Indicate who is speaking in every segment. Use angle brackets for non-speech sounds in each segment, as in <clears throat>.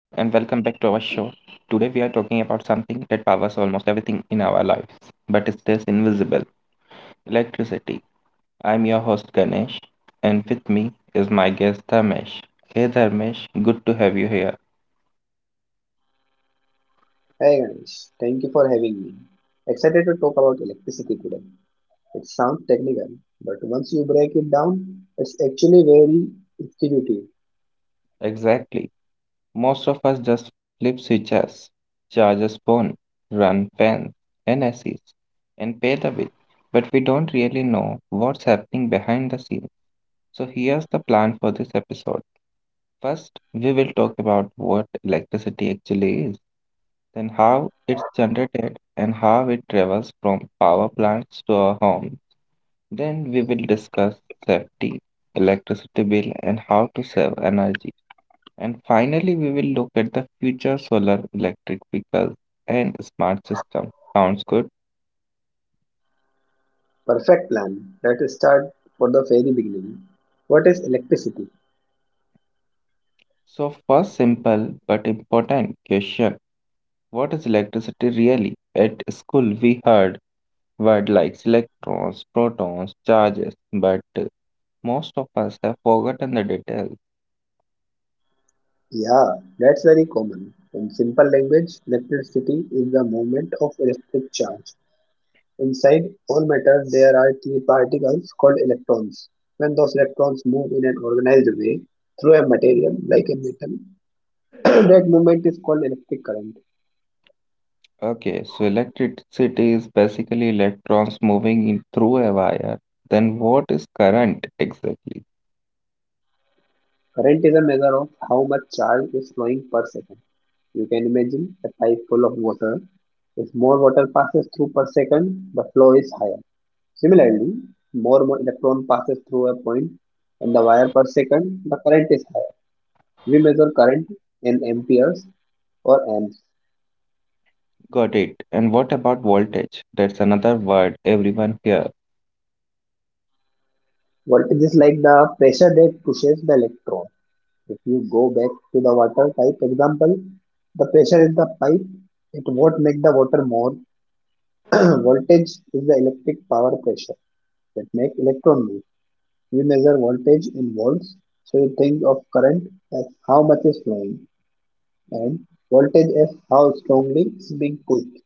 Speaker 1: Today we are talking about something that powers almost everything in our lives but it stays invisible, electricity. I'm your host Ganesh and with me is my guest Dharmesh. Hey Dharmesh, good to have you here.
Speaker 2: Hey guys, thank you for having me. Excited to talk about electricity today. It sounds technical, but once you break it down, it's actually very intuitive.
Speaker 1: Exactly. Most of us just flip switches, charge a phone, run fans and ACs and pay the bill, but we don't really know what's happening behind the scenes. So here's the plan for this episode. First, we will talk about what electricity actually is, then how it's generated and how it travels from power plants to our home. Then we will discuss safety, electricity bill and how to save energy. And finally, we will look at the future solar electric vehicles and smart system. Sounds good?
Speaker 2: Perfect plan. Let's start for the very beginning. What is electricity?
Speaker 1: So first simple but important question. What is electricity really? At school we heard word like electrons, protons, charges, but most of us have forgotten the details.
Speaker 2: Yeah, that's very common. In simple language, electricity is the movement of electric charge. Inside all matter, there are three particles called electrons. When those electrons move in an organized way through a material like a metal, <coughs> that movement is called electric current.
Speaker 1: Okay, so electricity is basically electrons moving in through a wire. Then what is current exactly?
Speaker 2: Current is a measure of how much charge is flowing per second. You can imagine a pipe full of water. If more water passes through per second, the flow is higher. Similarly, electron passes through a point on the wire per second, the current is higher. We measure current in amperes or amps.
Speaker 1: Got it. And what about voltage? That's another word everyone hears.
Speaker 2: Voltage is like the pressure that pushes the electron. If you go back to the water pipe example, the pressure in the pipe it won't make the water more. <clears throat> Voltage is the electric power pressure that make electron move. We measure voltage in volts, so you think of current as how much is flowing and voltage as how strongly it's being pushed.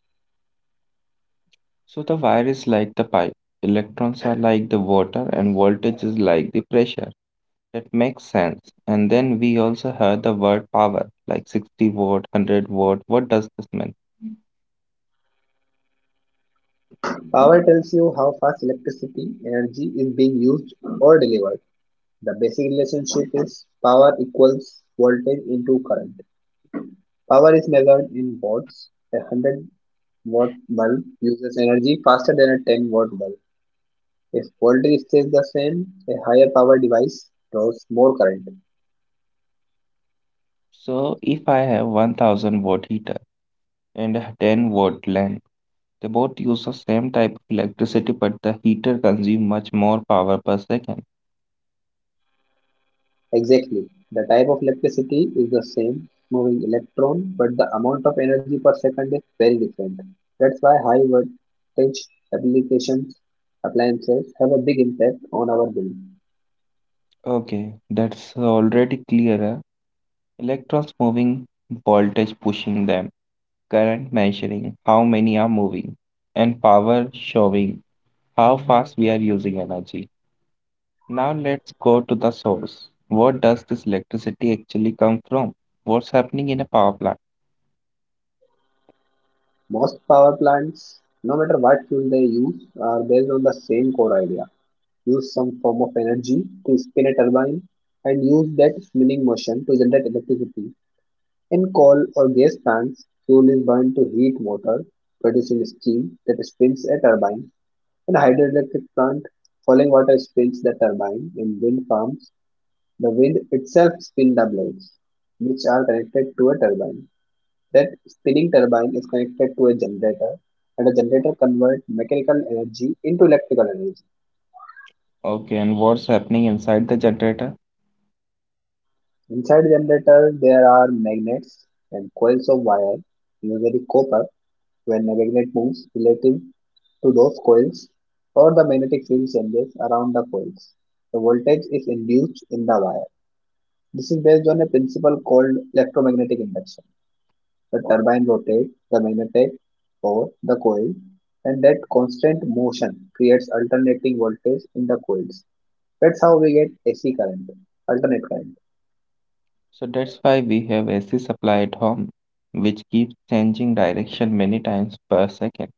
Speaker 1: So the wire is like the pipe. Electrons are like the water and voltage is like the pressure. That makes sense. And then we also heard the word power, like 60 watt, 100 watt. What does this mean?
Speaker 2: Power tells you how fast electricity energy is being used or delivered. The basic relationship is power equals voltage into current. Power is measured in watts. A 100-watt bulb uses energy faster than a 10-watt bulb. If voltage stays the same, a higher power device draws more current.
Speaker 1: So if I have 1000-watt heater and a 10-watt lamp, they both use the same type of electricity, but the heater consumes much more power per second.
Speaker 2: Exactly. The type of electricity is the same, moving electron, but the amount of energy per second is very different. That's why high voltage applications appliances have a big impact on our bill.
Speaker 1: Okay, that's already clearer. Electrons moving, voltage pushing them, current measuring how many are moving, and power showing how fast we are using energy. Now let's go to the source. What does this electricity actually come from? What's happening in a power plant?
Speaker 2: Most power plants, no matter what fuel they use, are based on the same core idea. Use some form of energy to spin a turbine and use that spinning motion to generate electricity. In coal or gas plants, fuel is burned to heat water, producing steam that spins a turbine. In hydroelectric plant, falling water spins the turbine. In wind farms, the wind itself spins the blades, which are connected to a turbine. That spinning turbine is connected to a generator, and a generator converts mechanical energy into electrical energy.
Speaker 1: Okay, and what's happening inside the generator?
Speaker 2: Inside the generator, there are magnets and coils of wire, usually copper, when a magnet moves relative to those coils or the magnetic field changes around the coils. The voltage is induced in the wire. This is based on a principle called electromagnetic induction. The turbine rotates the magnetic or the coil and that constant motion creates alternating voltage in the coils. That's how we get AC current, alternate current.
Speaker 1: So that's why we have AC supply at home, which keeps changing direction many times per second.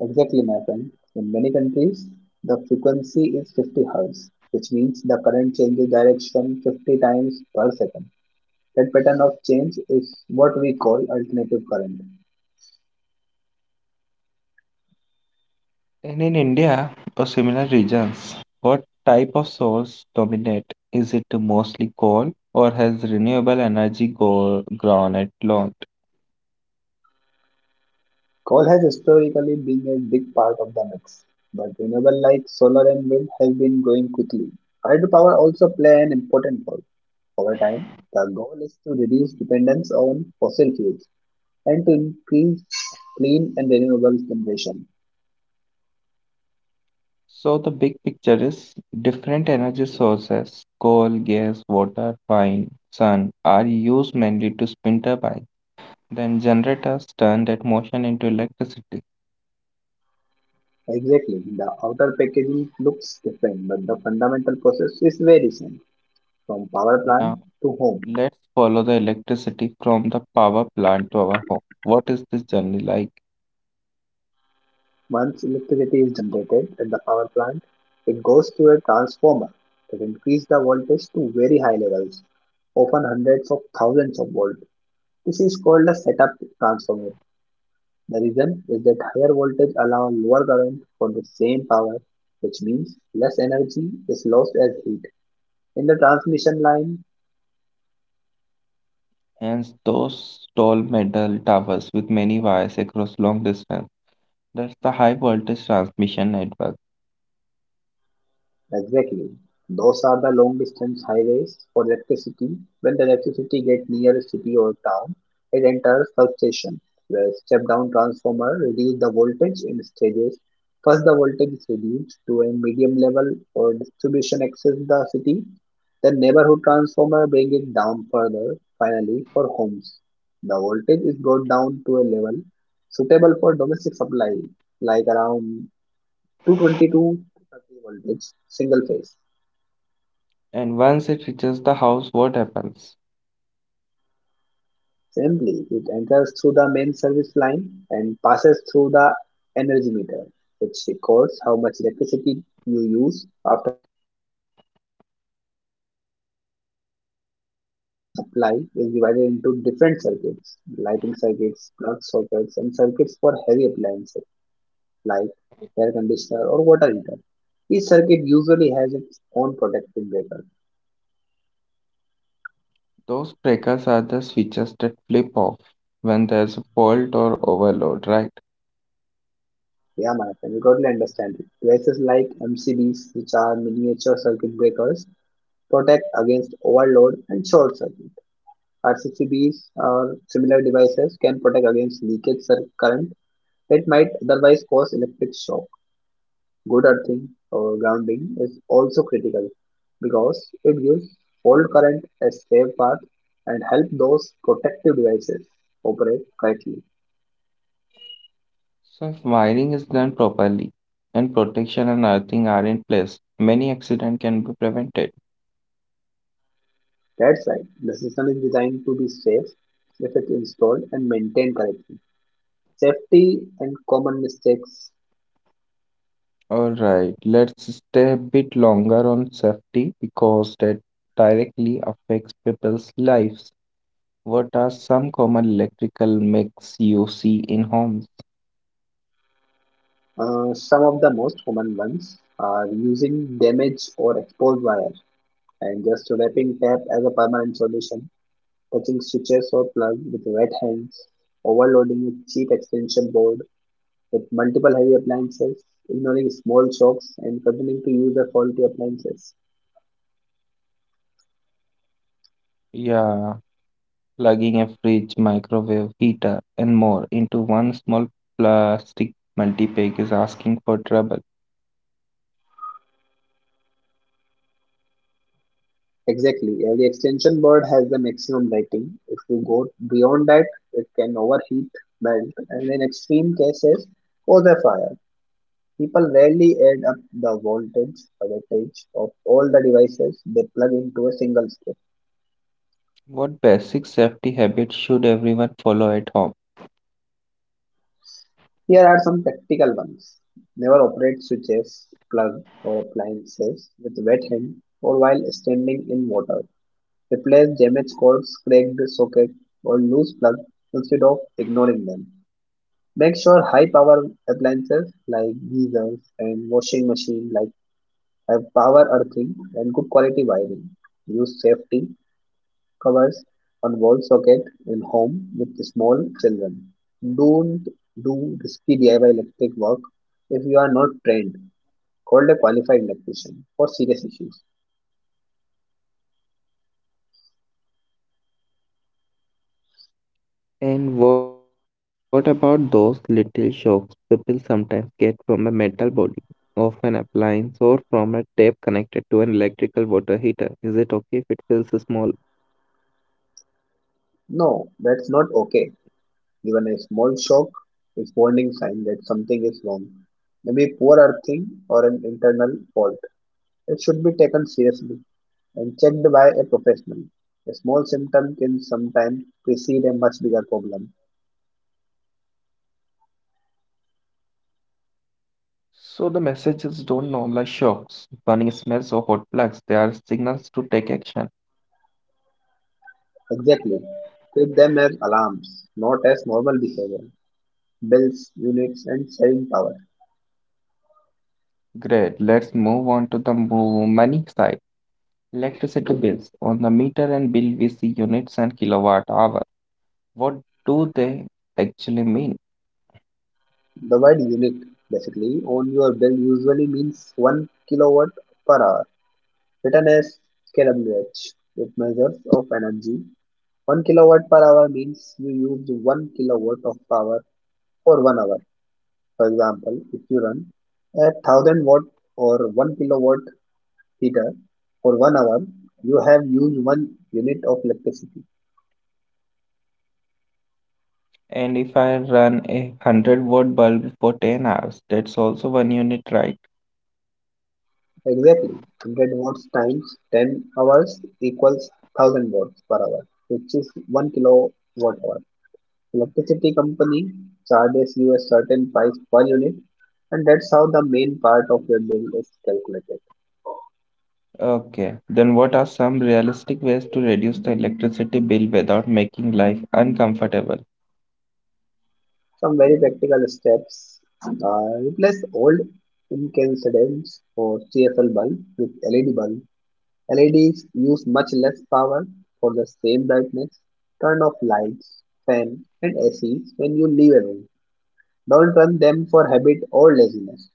Speaker 2: Exactly, my friend. In many countries, the frequency is 50 Hz, which means the current changes direction 50 times per second. That pattern of change is what we call alternative current.
Speaker 1: And in India or similar regions, what type of source dominate? Is it mostly coal or has renewable energy go grown at lot?
Speaker 2: Coal has historically been a big part of the mix, but renewable like solar and wind have been growing quickly. Hydropower also play an important role. Over time, the goal is to reduce dependence on fossil fuels and to increase clean and renewable generation.
Speaker 1: So the big picture is different energy sources, coal, gas, water, wind, sun, are used mainly to spin turbines. Then generators turn that motion into electricity.
Speaker 2: Exactly. The outer packaging looks different, but the fundamental process is very same. From power plant
Speaker 1: Now
Speaker 2: to home.
Speaker 1: let's follow the electricity from the power plant to our home. What is this journey like?
Speaker 2: Once electricity is generated at the power plant, it goes to a transformer that increases the voltage to very high levels, often hundreds of thousands of volts. This is called a setup transformer. The reason is that higher voltage allows lower current for the same power, which means less energy is lost as heat in the transmission line.
Speaker 1: Hence those tall metal towers with many wires across long distance. That's the high voltage transmission network.
Speaker 2: Exactly. Those are the long distance highways for electricity. When the electricity gets near a city or town, it enters substation, where step down transformer reduce the voltage in stages. First the voltage is reduced to a medium level for distribution access the city. Then neighborhood transformer bring it down further, finally for homes. The voltage is brought down to a level suitable for domestic supply, like around 222 230 voltage single phase.
Speaker 1: And once it reaches the house, what happens?
Speaker 2: Simply, it enters through the main service line and passes through the energy meter, which records how much electricity you use after the meter. It goes into the distribution board or panel. Their supply is divided into different circuits, lighting circuits, plug sockets, and circuits for heavy appliances like air conditioner or water heater. Each circuit usually has its own protective breaker.
Speaker 1: Those breakers are the switches that flip off when there's a fault or overload, right?
Speaker 2: Yeah, my friend, you totally understand it. Devices like MCBs, which are miniature circuit breakers, protect against overload and short circuit. RCCBs or similar devices can protect against leakage current that might otherwise cause electric shock. Good earthing or grounding is also critical because it gives fault current a safe path and help those protective devices operate correctly.
Speaker 1: So, if wiring is done properly and protection and earthing are in place, many accidents can be prevented.
Speaker 2: That's right. The system is designed to be safe if it's installed and maintained correctly. Safety and common mistakes.
Speaker 1: All right, let's stay a bit longer on safety because that directly affects people's lives. What are some common electrical makes you see in homes?
Speaker 2: Some of the most common ones are using damaged or exposed wire and just wrapping tape as a permanent solution, touching switches or plugs with wet hands, overloading a cheap extension board with multiple heavy appliances, ignoring small shocks, and continuing to use the faulty appliances.
Speaker 1: Yeah, plugging a fridge, microwave, heater, and more into one small plastic multi-pack is asking for trouble.
Speaker 2: Exactly. Every extension board has the maximum lighting. If you go beyond that, it can overheat, melt, and in extreme cases, cause a fire. People rarely add up the voltage or wattage of all the devices they plug into a single strip.
Speaker 1: What basic safety habits should everyone follow at home?
Speaker 2: Here are some practical ones. Never operate switches, plug, or appliances with wet hand or while standing in water. Replace damaged cords, cracked socket, or loose plug instead of ignoring them. Make sure high power appliances like geysers and washing machine like have power earthing and good quality wiring. Use safety covers on wall socket in home with small children. Don't do risky DIY electric work if you are not trained. Call a qualified electrician for serious issues.
Speaker 1: And what about those little shocks people sometimes get from a metal body of an appliance or from a tape connected to an electrical water heater? Is it okay if it feels small?
Speaker 2: No, that's not okay. Even a small shock is warning sign that something is wrong. Maybe poor earthing or an internal fault. It should be taken seriously and checked by a professional. A small symptom can sometimes precede a much bigger problem.
Speaker 1: So the messages don't normalize shocks, burning smells or hot plugs. They are signals to take action.
Speaker 2: Exactly. Treat them as alarms, not as normal behavior. Bills, units, and selling power.
Speaker 1: Great. Let's move on to the money side. Electricity bills. On the meter and bill, we see units and kilowatt hour. What do they actually mean?
Speaker 2: The word unit basically on your bill usually means 1 kilowatt per hour, written as kWh. It measures of energy. 1 kilowatt per hour means you used 1 kilowatt of power for 1 hour. For example, if you run a 1000 watt or 1 kilowatt heater for 1 hour, you have used 1 unit of electricity.
Speaker 1: And if I run a 100-watt bulb for 10 hours, that's also one unit, right?
Speaker 2: Exactly, 100 watts times 10 hours equals 1000 watts per hour, which is 1 kilowatt hour. Electricity company charges you a certain price per unit, and that's how the main part of your bill is calculated.
Speaker 1: Okay. Then what are some realistic ways to reduce the electricity bill without making life uncomfortable?
Speaker 2: Some very practical steps. Replace old incandescents or CFL bulb with LED bulb. LEDs use much less power for the same brightness. Turn off lights, fan, and AC when you leave a room. Don't run them for habit or laziness.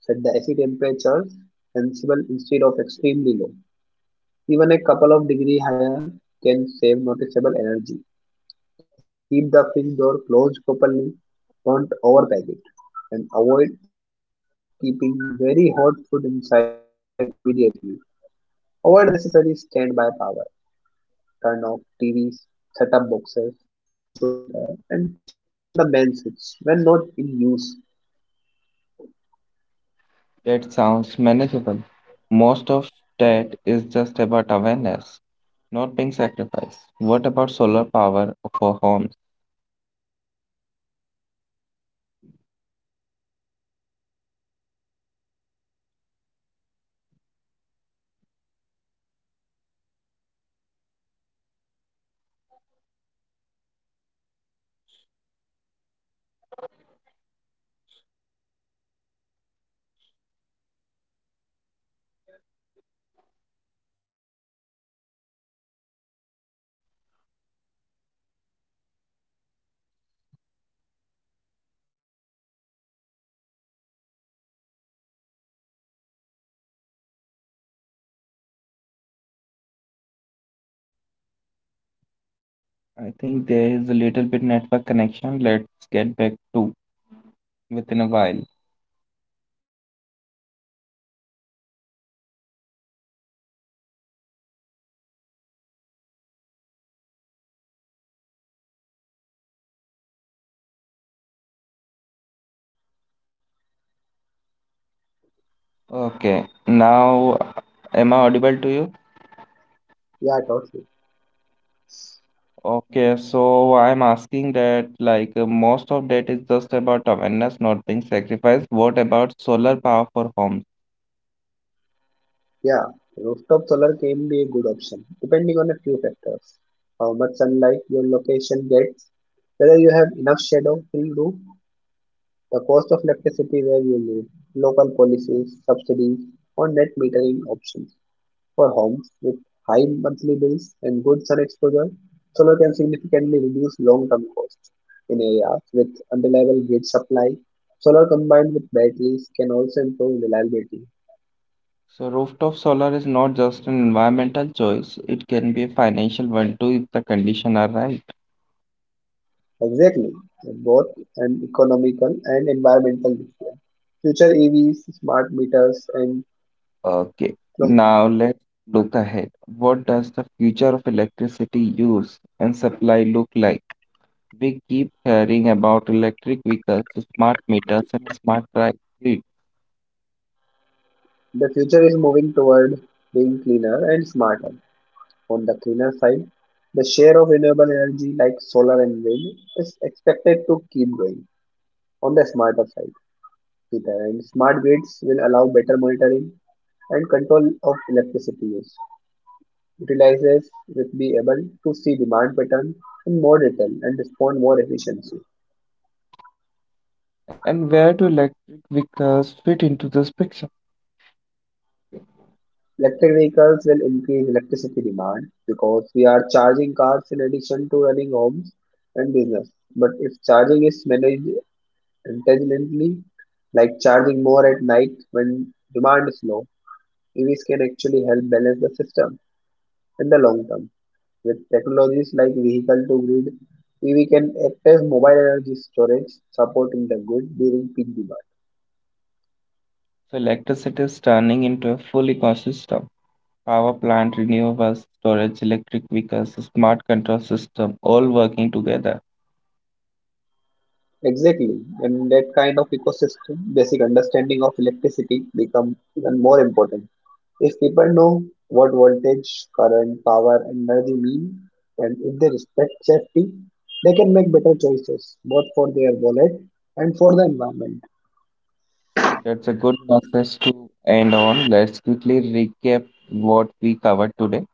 Speaker 2: Set the AC temperatures sensible instead of extremely low. Even a couple of degree higher can save noticeable energy. Keep the fridge door closed properly, don't overpack it, and avoid keeping very hot food inside immediately. Avoid unnecessary standby power. Turn off TVs, set-top boxes, computer, and charger from the main switch when not in use.
Speaker 1: That sounds manageable. Most of that is just about awareness, not being sacrificed. What about solar power for homes
Speaker 2: Rooftop solar can be a good option depending on a few factors. How much sunlight your location gets, whether you have enough shadow free roof space, the cost of electricity where you live, local policies, subsidies, or net metering option. For homes with high monthly bills and good sun exposure, solar can significantly reduce long term costs.
Speaker 1: connecting? I think there is a little bit network connection. Let's get back to within a while. Okay. Now, am I audible to you?
Speaker 2: Yeah, totally.
Speaker 1: Okay, so I'm asking that like most of that is just about awareness not being sacrificed. What about solar power for homes?
Speaker 2: Yeah, rooftop solar can be a good option depending on a few factors. How much sunlight your location gets, whether you have enough shadow free roof, the cost of electricity where you live, local policies, subsidies, or net metering options. For homes with high monthly bills and good sun exposure, solar can significantly reduce long term costs. In areas with unreliable grid supply, solar combined with batteries can also improve reliability.
Speaker 1: So rooftop solar is not just an environmental choice, it can be a financial one too if the conditions are right.
Speaker 2: Exactly, both an economical and environmental difference. Future EVs, smart meters, and
Speaker 1: Okay,
Speaker 2: clothing.
Speaker 1: now let's look ahead. What does the future of electricity use and supply look like? We keep hearing about electric vehicles, smart meters, and smart grid.
Speaker 2: The future is moving toward being cleaner and smarter. On the cleaner side, the share of renewable energy like solar and wind is expected to keep growing. On the smarter side, Peter, and smart grids will allow better monitoring and control of electricity use. Utilizers will be able to see demand pattern in more detail and respond more efficiently.
Speaker 1: And where do electric vehicles fit into this picture?
Speaker 2: Electric vehicles will increase electricity demand because we are charging cars in addition to running homes and business. But if charging is managed intelligently, like charging more at night when demand is low, EVs can actually help balance the system in the long term. With technologies like vehicle to grid, EV can act as mobile energy storage, supporting the grid during peak demand.
Speaker 1: So electricity is turning into a full ecosystem. Power plant, renewables, storage, electric vehicles, smart control system, all working together.
Speaker 2: Exactly. In that kind of ecosystem, basic understanding of electricity become even more important. If people know what voltage, current, power, and energy mean, and if they respect safety, they can make better choices, both for their wallet and for the environment.
Speaker 1: That's a good message to end on. Let's quickly recap what we covered today.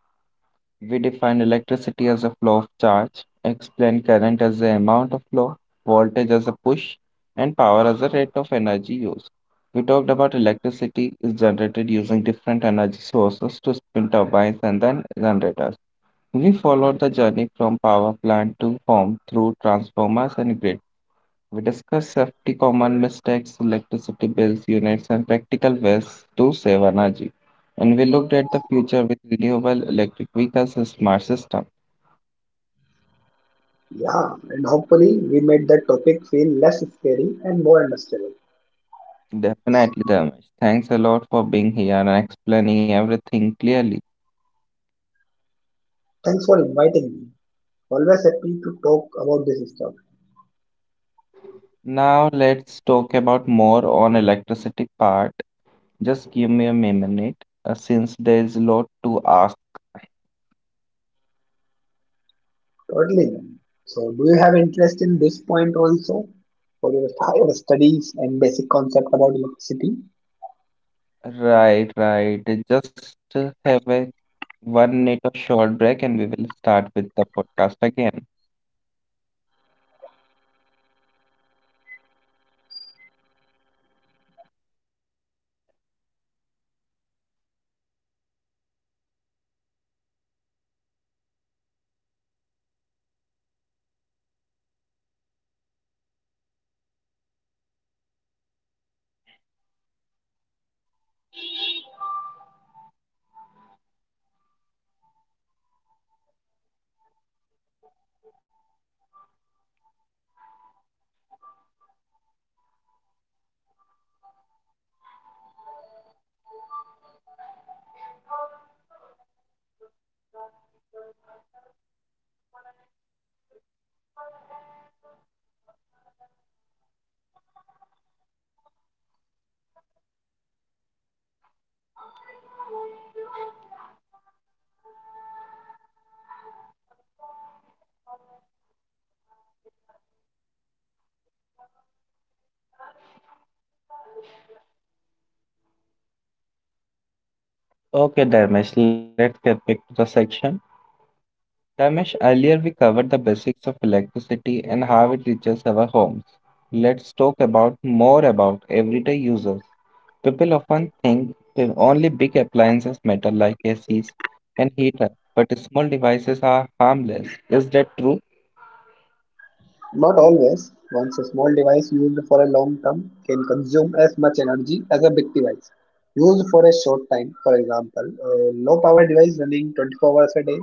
Speaker 1: We define electricity as a flow of charge, explain current as the amount of flow, voltage as a push, and power as the rate of energy used. We talked about electricity is generated using different energy sources to spin turbines and then generators. We followed the journey from power plant to home through transformers and grid. We discuss safety, common mistakes, electricity bills, units, and practical ways to save energy. And we looked at the future with renewable electric vehicles and smart system.
Speaker 2: Yeah, and hopefully we made that topic feel less scary and more understandable.
Speaker 1: Definitely, Damish. Thanks a lot for being here and explaining everything clearly.
Speaker 2: Thanks for inviting me. Always happy to talk about this stuff.
Speaker 1: Now let's talk about more on electricity part. Just give me a minute, since there is a lot to ask.
Speaker 2: Totally. So, do you have interest in this point also for your higher studies and basic concept about electricity?
Speaker 1: Right, right. Just have a 1 minute of short break, and we will start with the podcast again. Okay, Dharmesh, let's get back to the section. Dharmesh, earlier we covered the basics of electricity and how it reaches our homes. Let's talk about more about everyday users. People often think that only big appliances matter like ACs and heater, but small devices are harmless. Is that true?
Speaker 2: Not always. Once a small device used for a long term can consume as much energy as a big device used for a short time. For example, a low power device running 24 hours a day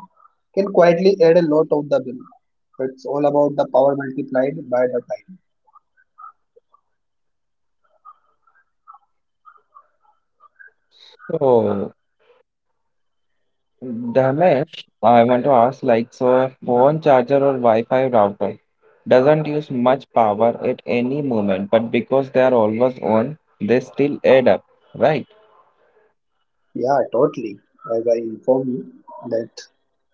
Speaker 2: can quietly add a lot of the bill. It's all about the power multiplied by the time.
Speaker 1: So, Danesh, I want to ask like, so a phone charger or Wi-Fi router doesn't use much power at any moment, but because they are always on, they still add up, right?
Speaker 2: Yeah, totally. As I inform you, that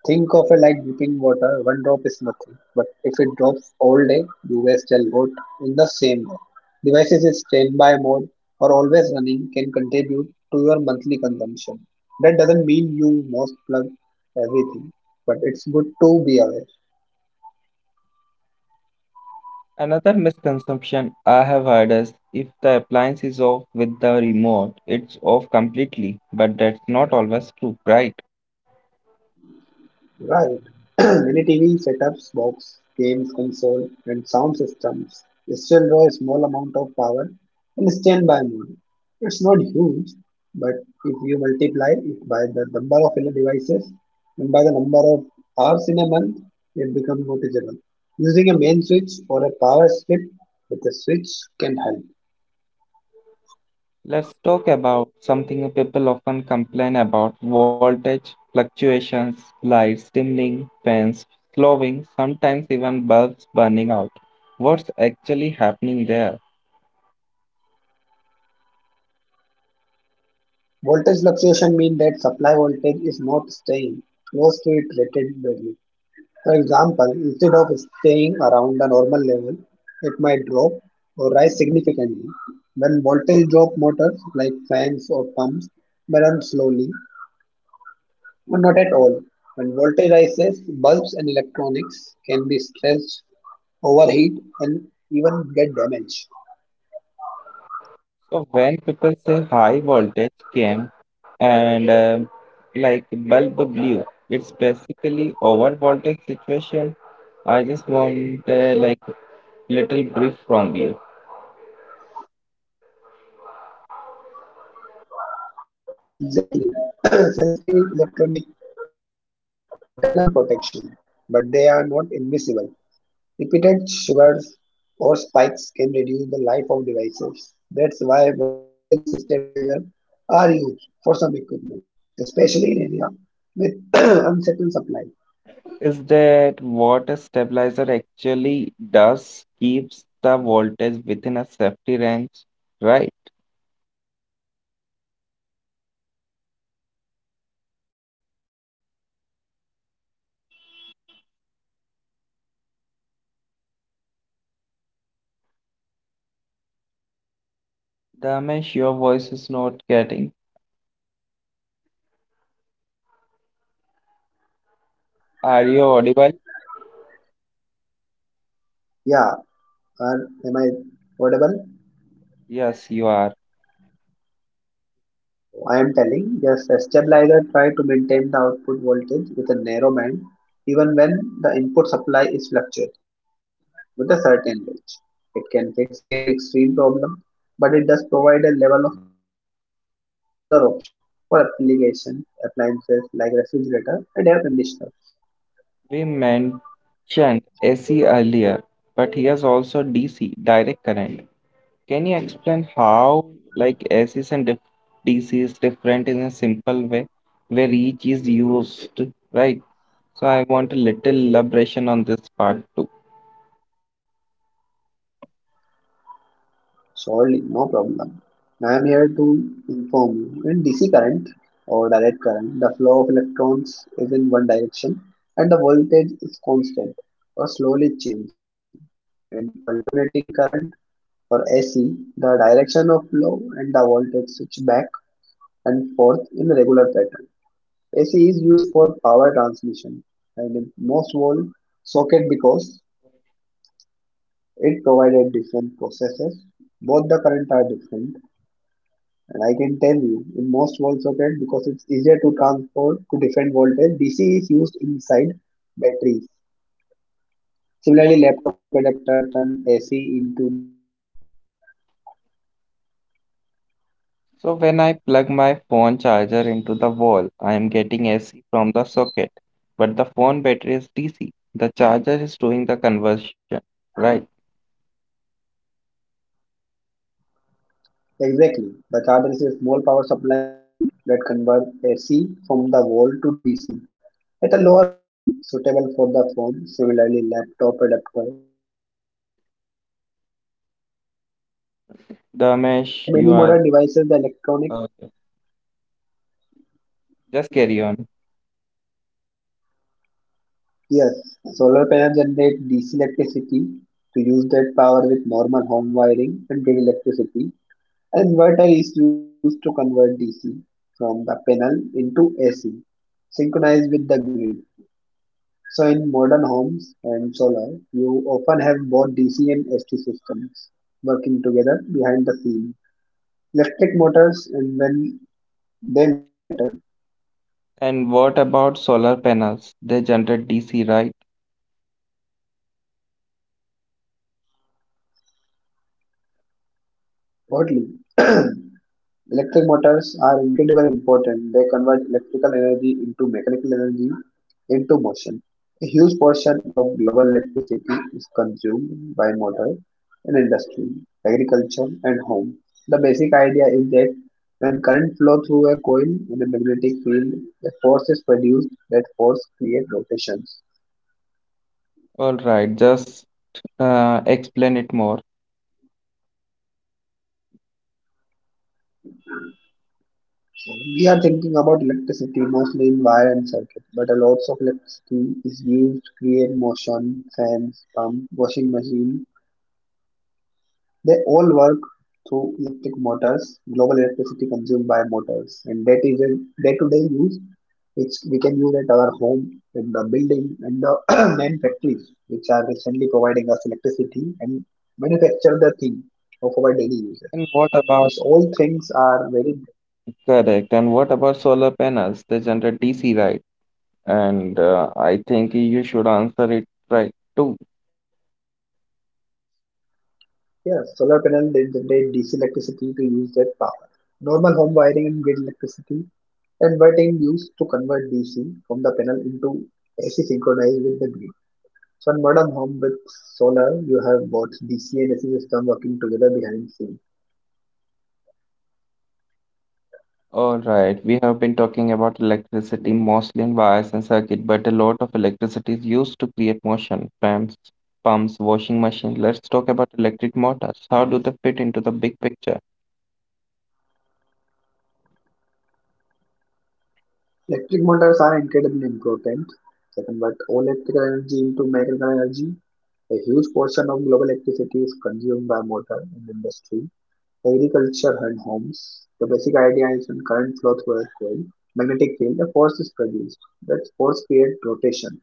Speaker 2: think of it like dripping water. One drop is nothing, but if it drops all day, you waste a lot in the same day. Devices in standby mode or always running can contribute to your monthly consumption. That doesn't mean you must plug everything, but it's good to be aware.
Speaker 1: Another misconception I have heard is if the appliance is off with the remote, it's off completely, but that's not always true, right?
Speaker 2: Right. <clears throat> Many TV setups, box, games console, and sound systems still draw a small amount of power in standby mode. It's not huge, but if you multiply it by the number of LED devices and by the number of hours in a month, it becomes noticeable. Using a main switch or a power strip with a switch can help.
Speaker 1: Let's talk about something people often complain about voltage fluctuations, lights dimming, fans slowing, sometimes even bulbs burning out. What's actually happening there?
Speaker 2: Voltage fluctuation means that supply voltage is not staying close to its rated value. For example, instead of staying around the normal level, it might drop or rise significantly. When voltage drop motors like fans or pumps may run slowly or not at all. When voltage rises, bulbs and electronics can be stressed, overheat, and even get damaged.
Speaker 1: So, when people say high voltage came and like bulb blew, it's basically over voltage situation. I just want like little brief from you.
Speaker 2: Exactly. <clears throat> Sensitive electronics have internal protection, but they are not invisible. Repeated sugars or spikes can reduce the life of devices. That's why voltage stabilizers are used for some equipment, especially in area with <clears throat> <coughs> uncertain supply.
Speaker 1: Is that what a stabilizer actually does keeps the voltage within a safety range, right? Damesh, your voice is not getting. Are you audible?
Speaker 2: Yeah, am I audible?
Speaker 1: Yes, you are.
Speaker 2: So, I am telling, yes, a stabilizer tries to maintain the output voltage with a narrow band even when the input supply is fluctuating with a certain range. It can fix every extreme problem, but it does provide a level of protection and smoother option for application appliances like refrigerator and air conditioner.
Speaker 1: We mentioned AC earlier, but here's also DC, direct current. Can you explain how, like, DC is different in a simple way where each is used, right? So I want a little elaboration on this part. Too.
Speaker 2: Surely, no problem. I am here to inform you. In DC current or direct current, the flow of electrons is in one direction and the voltage is constant or slowly changing. In alternating current or AC, the direction of flow and the voltage switch back and forth in a regular pattern. AC is used for power transmission and in most wall socket because it provided different processes. Both the current are different. And I can tell you, in most wall socket, because it's easier to transfer to different voltage, DC is used inside batteries. Similarly, laptop adapter turns AC into DC.
Speaker 1: So when I plug my phone charger into the wall, I am getting AC from the socket, but the phone battery is DC. The charger is doing the conversion, right?
Speaker 2: Exactly. The charger is a small power supply that converts AC from the wall to DC at a lower voltage, suitable for the phone. Similarly, laptop adapter turns AC into DC. Inside many modern are
Speaker 1: The
Speaker 2: all
Speaker 1: mesh you
Speaker 2: running on
Speaker 1: are
Speaker 2: DC.
Speaker 1: okay. Just carry on.
Speaker 2: Yes, solar panels generate DC electricity to use that power with normal home wiring and grid electricity. An inverter is used to convert DC from the panel into AC, synchronized with the grid. So in modern homes and solar, you often have both DC and ST systems working together behind the scene. Electric motors and when they matter,
Speaker 1: And what about solar panels? They generate DC, right?
Speaker 2: oddly. <clears throat> Electric motors are incredibly important. They convert electrical energy into mechanical energy, into motion. A huge portion of global electricity is consumed by motors in industry, agriculture, and home. The basic idea is that when current flows through a coil in a magnetic field, a force is produced. Force creates rotations.
Speaker 1: All right, just explain it more.
Speaker 2: We are thinking about electricity mostly in wire and circuit, but a lot of electricity is used to create motion, fans, pump, washing machine. They all work through electric motors, global electricity consumed by motors, and that is a day-to-day use which we can use at our home, in the building, and the <clears throat> main factories which are recently providing us electricity and manufacture the thing of
Speaker 1: And
Speaker 2: our daily
Speaker 1: what about
Speaker 2: uses. Things are very
Speaker 1: correct? And what about solar panels? They generate DC, right? And I think you should answer it right too.
Speaker 2: yeah. Solar panel they generate DC electricity to use that power. Normal home wiring and grid electricity and inverting used DC from the panel into AC synchronized with the grid. So in Modern Home with solar, you have both DC and AC system working together behind scene.
Speaker 1: All right, we have been talking about electricity mostly in wires and circuit, but a lot of electricity is used to create motion. Pumps, washing machine. Let's talk about electric motors. How do they fit into the big picture?
Speaker 2: Electric motors are incredibly important. They convert all electrical energy into mechanical energy. A huge portion of global electricity is consumed by motor in industry, agriculture and homes. The basic idea is when current flows through a coil, magnetic field, a force is produced. That force creates rotation,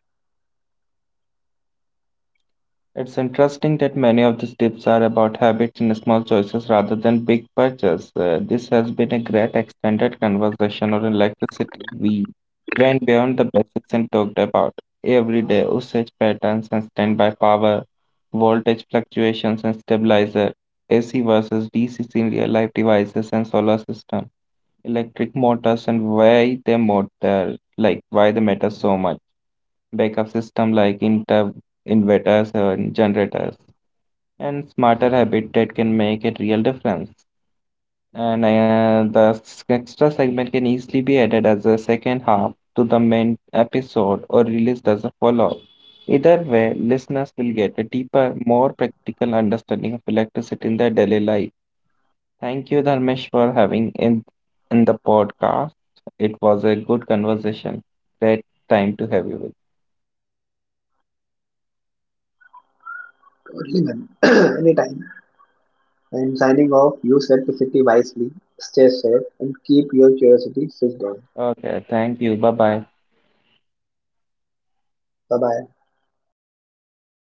Speaker 1: It's interesting that many of these tips are about habits and small choices rather than big purchases. This has been a great extended conversation on electricity. We went beyond the basics and talked about everyday usage patterns and standby power, voltage fluctuations and stabilizer, AC versus DC in real life devices and solar system, electric motors and why they matter, like why they matter so much, backup system like inter inverters and generators, and smarter habitat can make a real difference and the extra segment can easily be added as a second half to the main episode or released as a follow-up. Either way, listeners will get a deeper, more practical understanding of electricity in their daily life. Thank you, Dharmesh, for having in the podcast. It was a good conversation. Great time to have you with.
Speaker 2: twirling <coughs> and <clears throat> anytime I'm signing off. Use electricity wisely, stay safe, and keep your curiosity switched on.
Speaker 1: Okay, thank you. Bye bye.
Speaker 2: Bye bye.